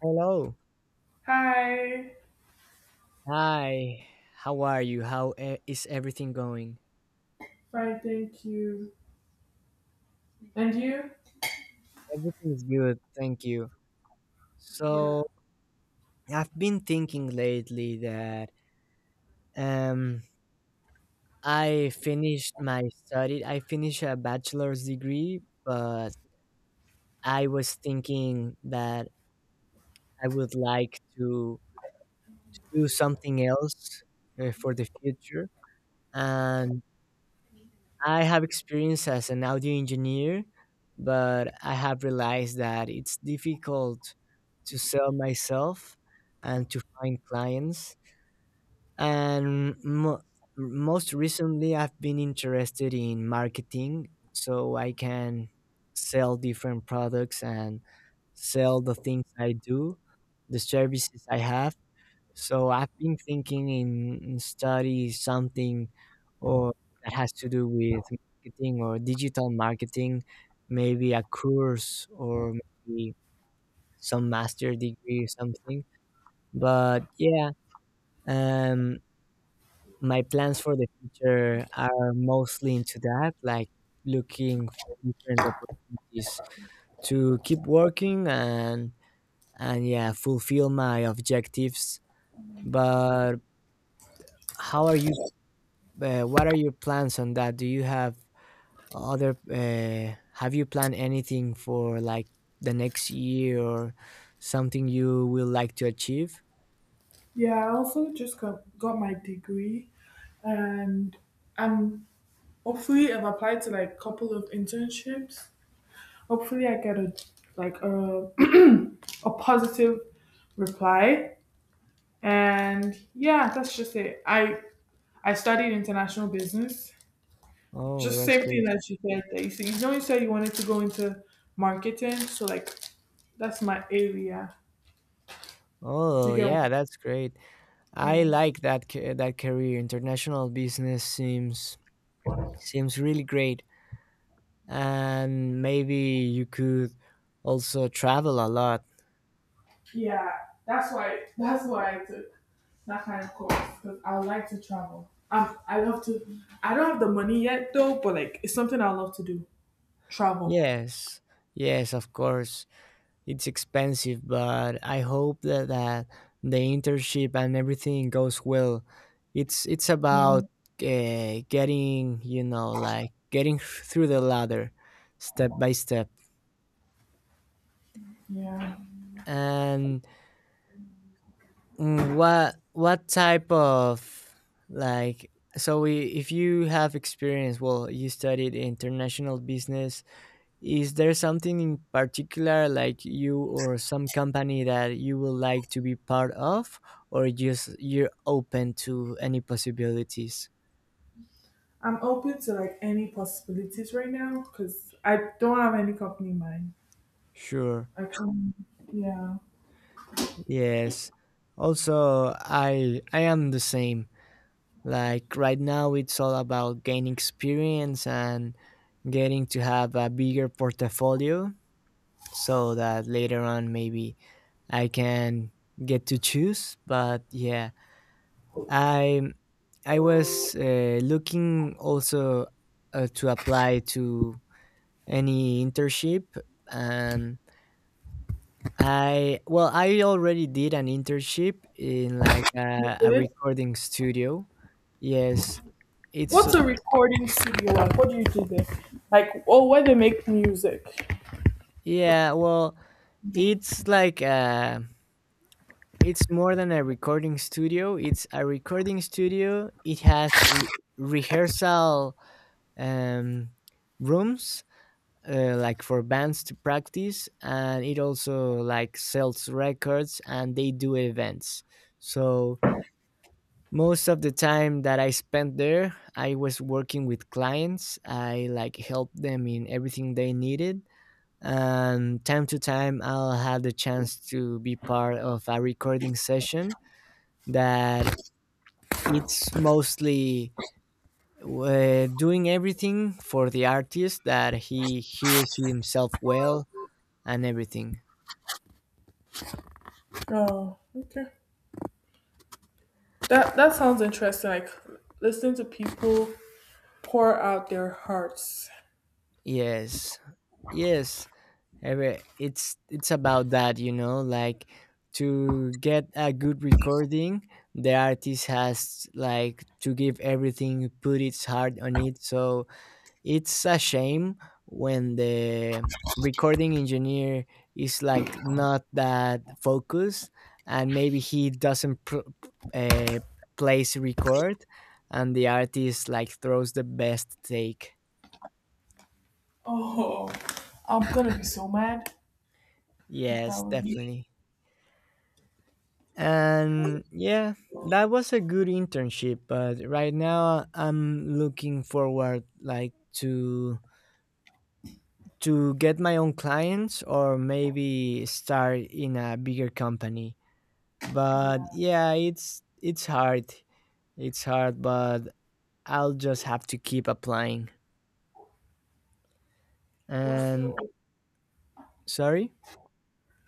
Hello. Hi, Hi. How are you? Is everything going? fine, thank you. And you? Everything is good, thank you. Yeah, So, I've been thinking lately that um I finished my study. I finished a bachelor's degree, but I was thinking that I would like to do something else for the future. And I have experience as an audio engineer, but I have realized that it's difficult to sell myself and to find clients. And most recently, I've been interested in marketing so I can sell different products and sell the things I do, the services I have. So I've been thinking in study something or that has to do with marketing or digital marketing, maybe a course or maybe some master degree or something. But yeah, um, my plans for the future are mostly into that, like looking for different opportunities to keep working and yeah, fulfill my objectives. But how are you? What are your plans on that? Do you have other? Have you planned anything for like the next year or something you will like to achieve? yeah. I also just got my degree, and I'm hopefully I've applied to like couple of internships. Hopefully, I get a like a a positive reply, and yeah, that's just it. I studied international business. Oh, Just that's same thing great. that you said. That you said you said you wanted to go into marketing, so like that's my area. Do Oh, you get? yeah, that's great. I What? like Yeah. that that career. International business seems really great, and maybe you could also travel a lot. Yeah, that's why. That's why I took that kind of course because I like to travel. I love to. I don't have the money yet though, but like it's something I love to do. Travel. Yes, yes, of course. It's expensive, but I hope that the internship and everything goes well. It's about Yeah. Getting like getting through the ladder, step by step. Yeah. And what type of, like, if you have experience, well, you studied international business. Is there something in particular, like you or some company that you would like to be part of, or just you're open to any possibilities? I'm open to like any possibilities right now because I don't have any company in mind. Sure. I can, yeah. Yes. Also, I am the same. Like right now, it's all about gaining experience and getting to have a bigger portfolio, so that later on maybe I can get to choose. But yeah, I I was looking also to apply to any internship, and I well, I already did an internship in like You a good? recording studio. Yes, it's What's a recording studio like? What do you do there? Like, oh, where they make music? yeah. Well, it's like it's more than a recording studio. It's a recording studio. It has rehearsal um rooms, like for bands to practice, and it also like sells records and they do events. So most of the time that I spent there, I was working with clients. I like helped them in everything they needed, and time to time I'll have the chance to be part of a recording session that it's mostly, doing everything for the artist, that he hears himself well and everything. Oh, okay. That that sounds interesting. Like listening to people pour out their hearts. Yes. Yes. It's about that, like to get a good recording. The artist has like to give everything, put its heart on it. So it's a shame when the recording engineer is like not that focused and maybe he doesn't uh, place record and the artist like throws the best take. Oh, I'm gonna be so mad if that Yes, were me. definitely. And yeah, that was a good internship, but right now I'm looking forward like to get my own clients or maybe start in a bigger company. But Yeah, yeah, it's hard. It's hard, but I'll just have to keep applying. we're still. And, Open. sorry?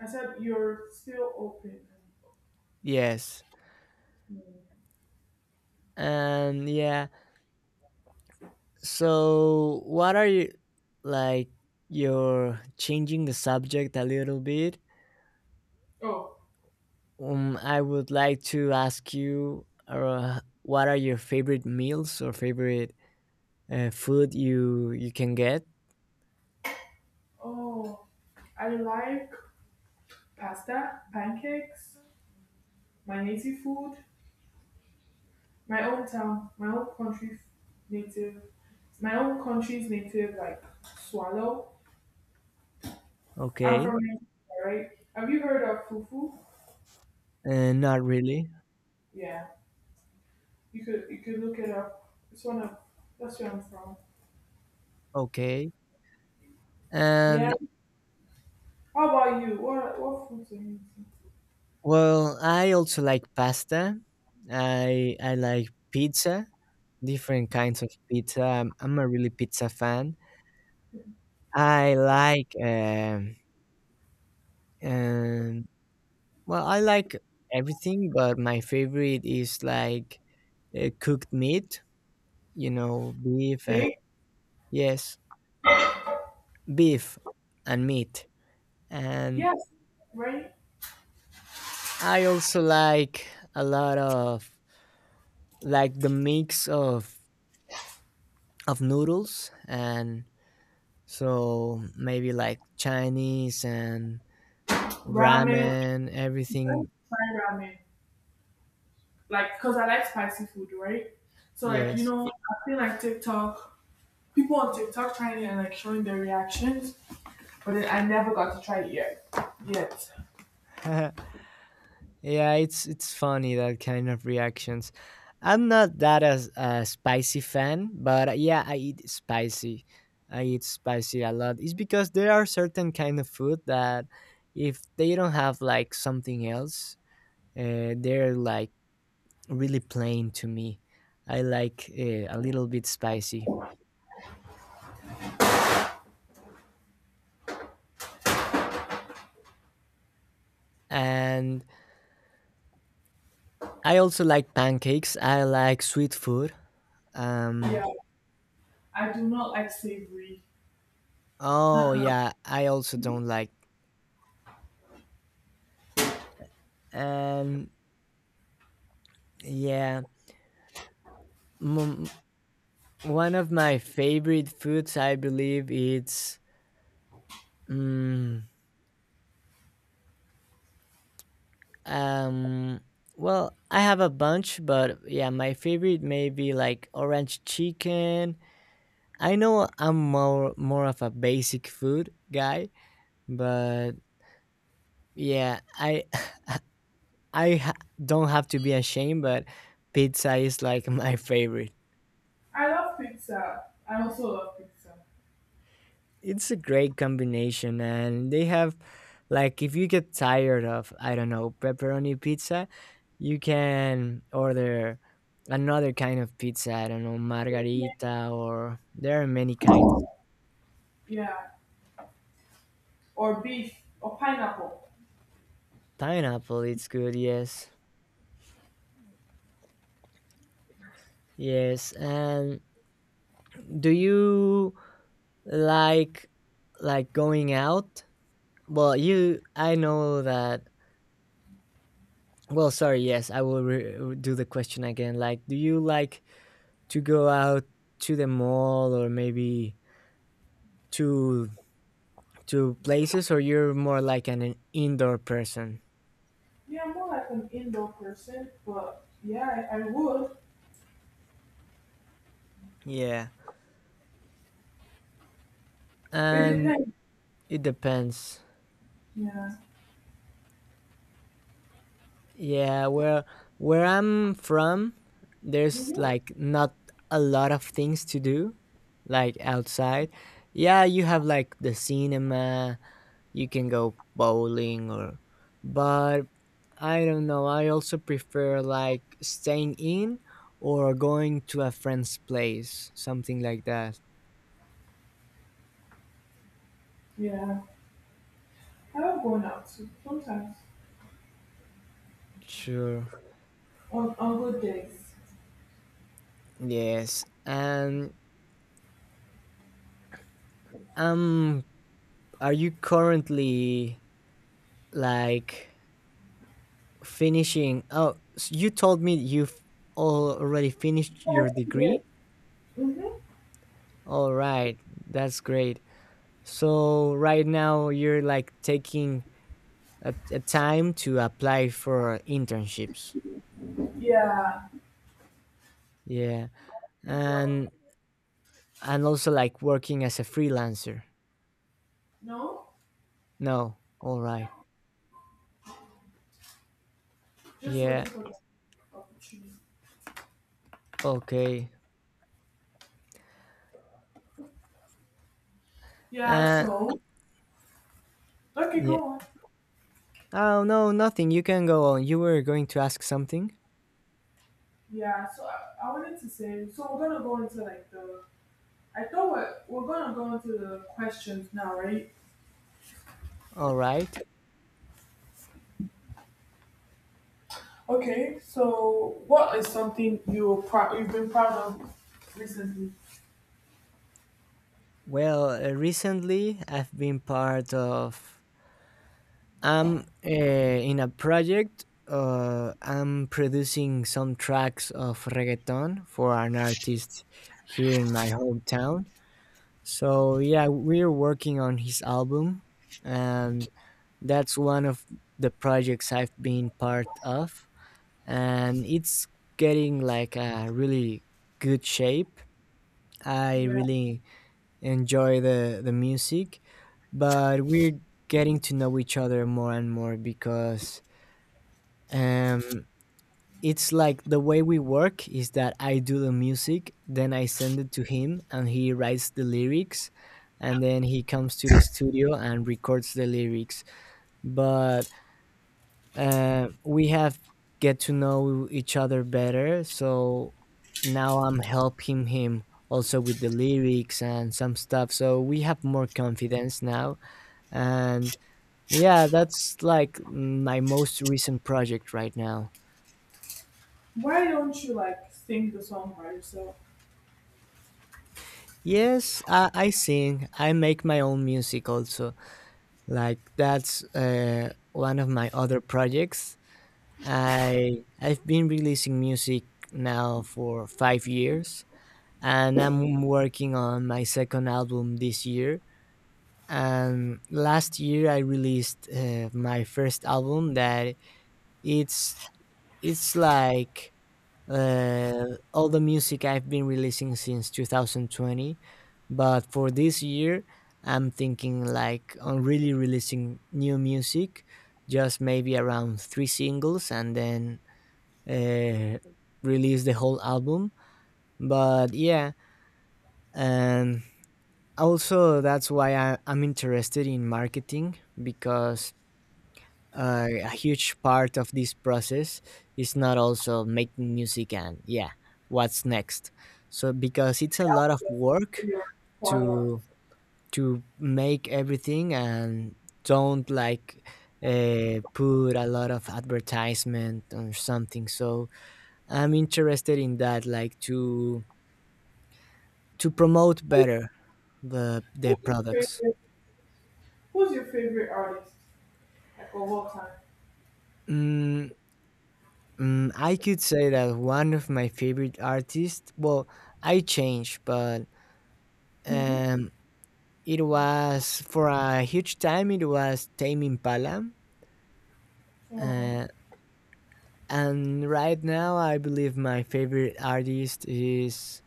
I said you're still open. Yes. Mm. And yeah, so what are you, like, you're changing the subject a little bit. Oh, I would like to ask you, what are your favorite meals or favorite food you can get? oh, I like pasta, pancakes, my native food, my own town, my own country, native, my own country's native like swallow. I'm Okay, from Nigeria, right? Have you heard of fufu? Not really. Yeah, you could look it up. It's one of that's where I'm from. Okay, and Yeah. How about you? What food do you eat? well, I also like pasta. I like pizza, different kinds of pizza. I'm a really pizza fan. I like um, well, I like everything, but my favorite is like cooked meat. Beef and, Steak? yes, beef and meat. And Yes. Right? I also like a lot of, like, the mix of noodles, and so maybe like Chinese and Ramen. I ramen, everything. like Thai ramen. Like, cause I like spicy food, right? So like, you Yes. know, I've seen like TikTok, people on TikTok trying it and like showing their reactions, but then I never got to try it yet. Yet. Yeah, it's funny that kind of reactions. I'm not that as a spicy fan, but yeah, I eat spicy. I eat spicy a lot. It's because there are certain kind of food that if they don't have like something else, they're like really plain to me. I like a little bit spicy. And I also like pancakes. I like sweet food. Yeah. Um I do not like savory. oh Uh-uh. yeah, I also don't like, and, yeah. Mm, One of my favorite foods, I believe, it's mm, um. Well, I have a bunch, but yeah, my favorite may be like orange chicken. I know I'm more of a basic food guy, but yeah, I I ha- don't have to be ashamed, but pizza is like my favorite. I love pizza. I also love pizza. It's a great combination, and they have, like, if you get tired of, I don't know, pepperoni pizza, you can order another kind of pizza. I don't know, margarita, or there are many kinds. Yeah. Or beef or pineapple. Pineapple, it's good. Yes, yes. And do you like like going out? Well, you I know that. Well, sorry. Yes, I will do the question again. Like, do you like to go out to the mall or maybe to to places, or you're more like an indoor person? Yeah, I'm more like an indoor person, but yeah, I would. Yeah, It and depends. it depends. Yeah, Yeah, where I'm from there's hmm like not a lot of things to do, like outside. Yeah, you have like the cinema. You can go bowling, or, but I don't know. I also prefer like staying in or going to a friend's place, something like that. yeah. I love going out too, sometimes Sure. On good days. Yes. And um are you currently, like, finishing, oh, s you told me you've already finished your Yeah. degree? Mm-hmm. All right. That's great. So right now you're like taking a time to apply for internships. Yeah. Yeah, Good job. and and also like working as a freelancer. No, No, all right. just waiting Yeah, for the opportunity. okay. Yeah. Uh, So okay, yeah. go on. Oh no, nothing. You can go on. You were going to ask something. Yeah. So I wanted to say. So we're gonna go into like the. I thought we're gonna go into the questions now, right? All right. Okay, so what is something you're proud you've been proud of recently? Well, recently I've been part of. I'm in a project. I'm producing some tracks of reggaeton for an artist here in my hometown. So yeah, we're working on his album, and that's one of the projects I've been part of, and it's getting like a really good shape. I Yeah. really enjoy the music, but we're getting to know each other more and more, because um it's like the way we work is that I do the music, then I send it to him, and he writes the lyrics, and then he comes to the studio and records the lyrics. But we have get to know each other better, so now I'm helping him also with the lyrics and some stuff. So we have more confidence now, and yeah, that's like my most recent project right now. Why don't you like sing the song by yourself? Yes, I sing. I make my own music also. Like that's one of my other projects. I've been releasing music now for 5 years, and I'm working on my second album this year. And last year I released my first album, that it's it's like uh, all the music I've been releasing since 2020. But for this year, I'm thinking like on really releasing new music, just maybe around three singles, and then uh, release the whole album. But yeah, and also that's why I'm interested in marketing, because a huge part of this process is not also making music and yeah, what's next. So because it's a lot of With work your choir? to to make everything and don't like put a lot of advertisement or something, so I'm interested in that, like to promote better the Who's your products. favorite who's your favorite artist? Like of all time? mm, I could say that one of my favorite artists, well, I changed, but Mm-hmm. um, it was for a huge time, it was Tame Impala. So Uh, and right now, I believe my favorite artist is,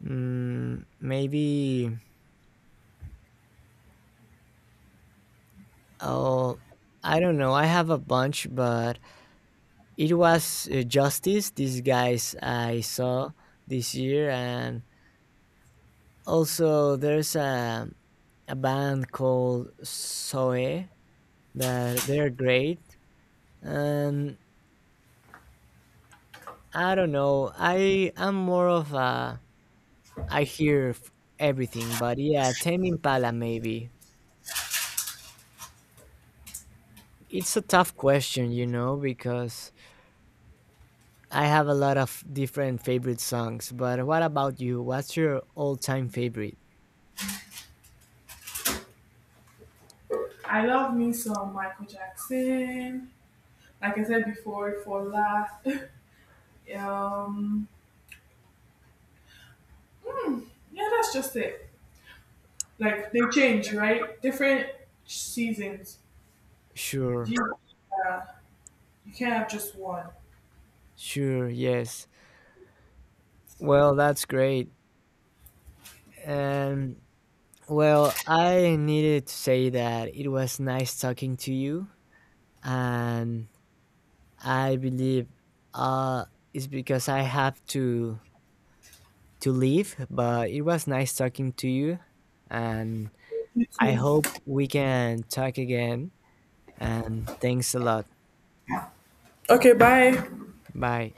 maybe, oh, I don't know, I have a bunch, but it was Justice, these guys I saw this year. And also, there's a band called Soe that they're great, and I don't know. I'm more of a — I hear everything, but yeah, Tame Impala maybe. It's a tough question, because I have a lot of different favorite songs. But what about you? What's your all-time favorite? I love me some Michael Jackson. Like I said before, for last um mm, yeah, that's just it. Like they change, right? Different seasons. Do Sure, you, uh, you can't have just one. sure, yes. Well, that's great. And, well, I needed to say that it was nice talking to you, and I believe uh, it's because I have to leave. But it was nice talking to you, and You I too. hope we can talk again. And thanks a lot. Okay, bye. Bye.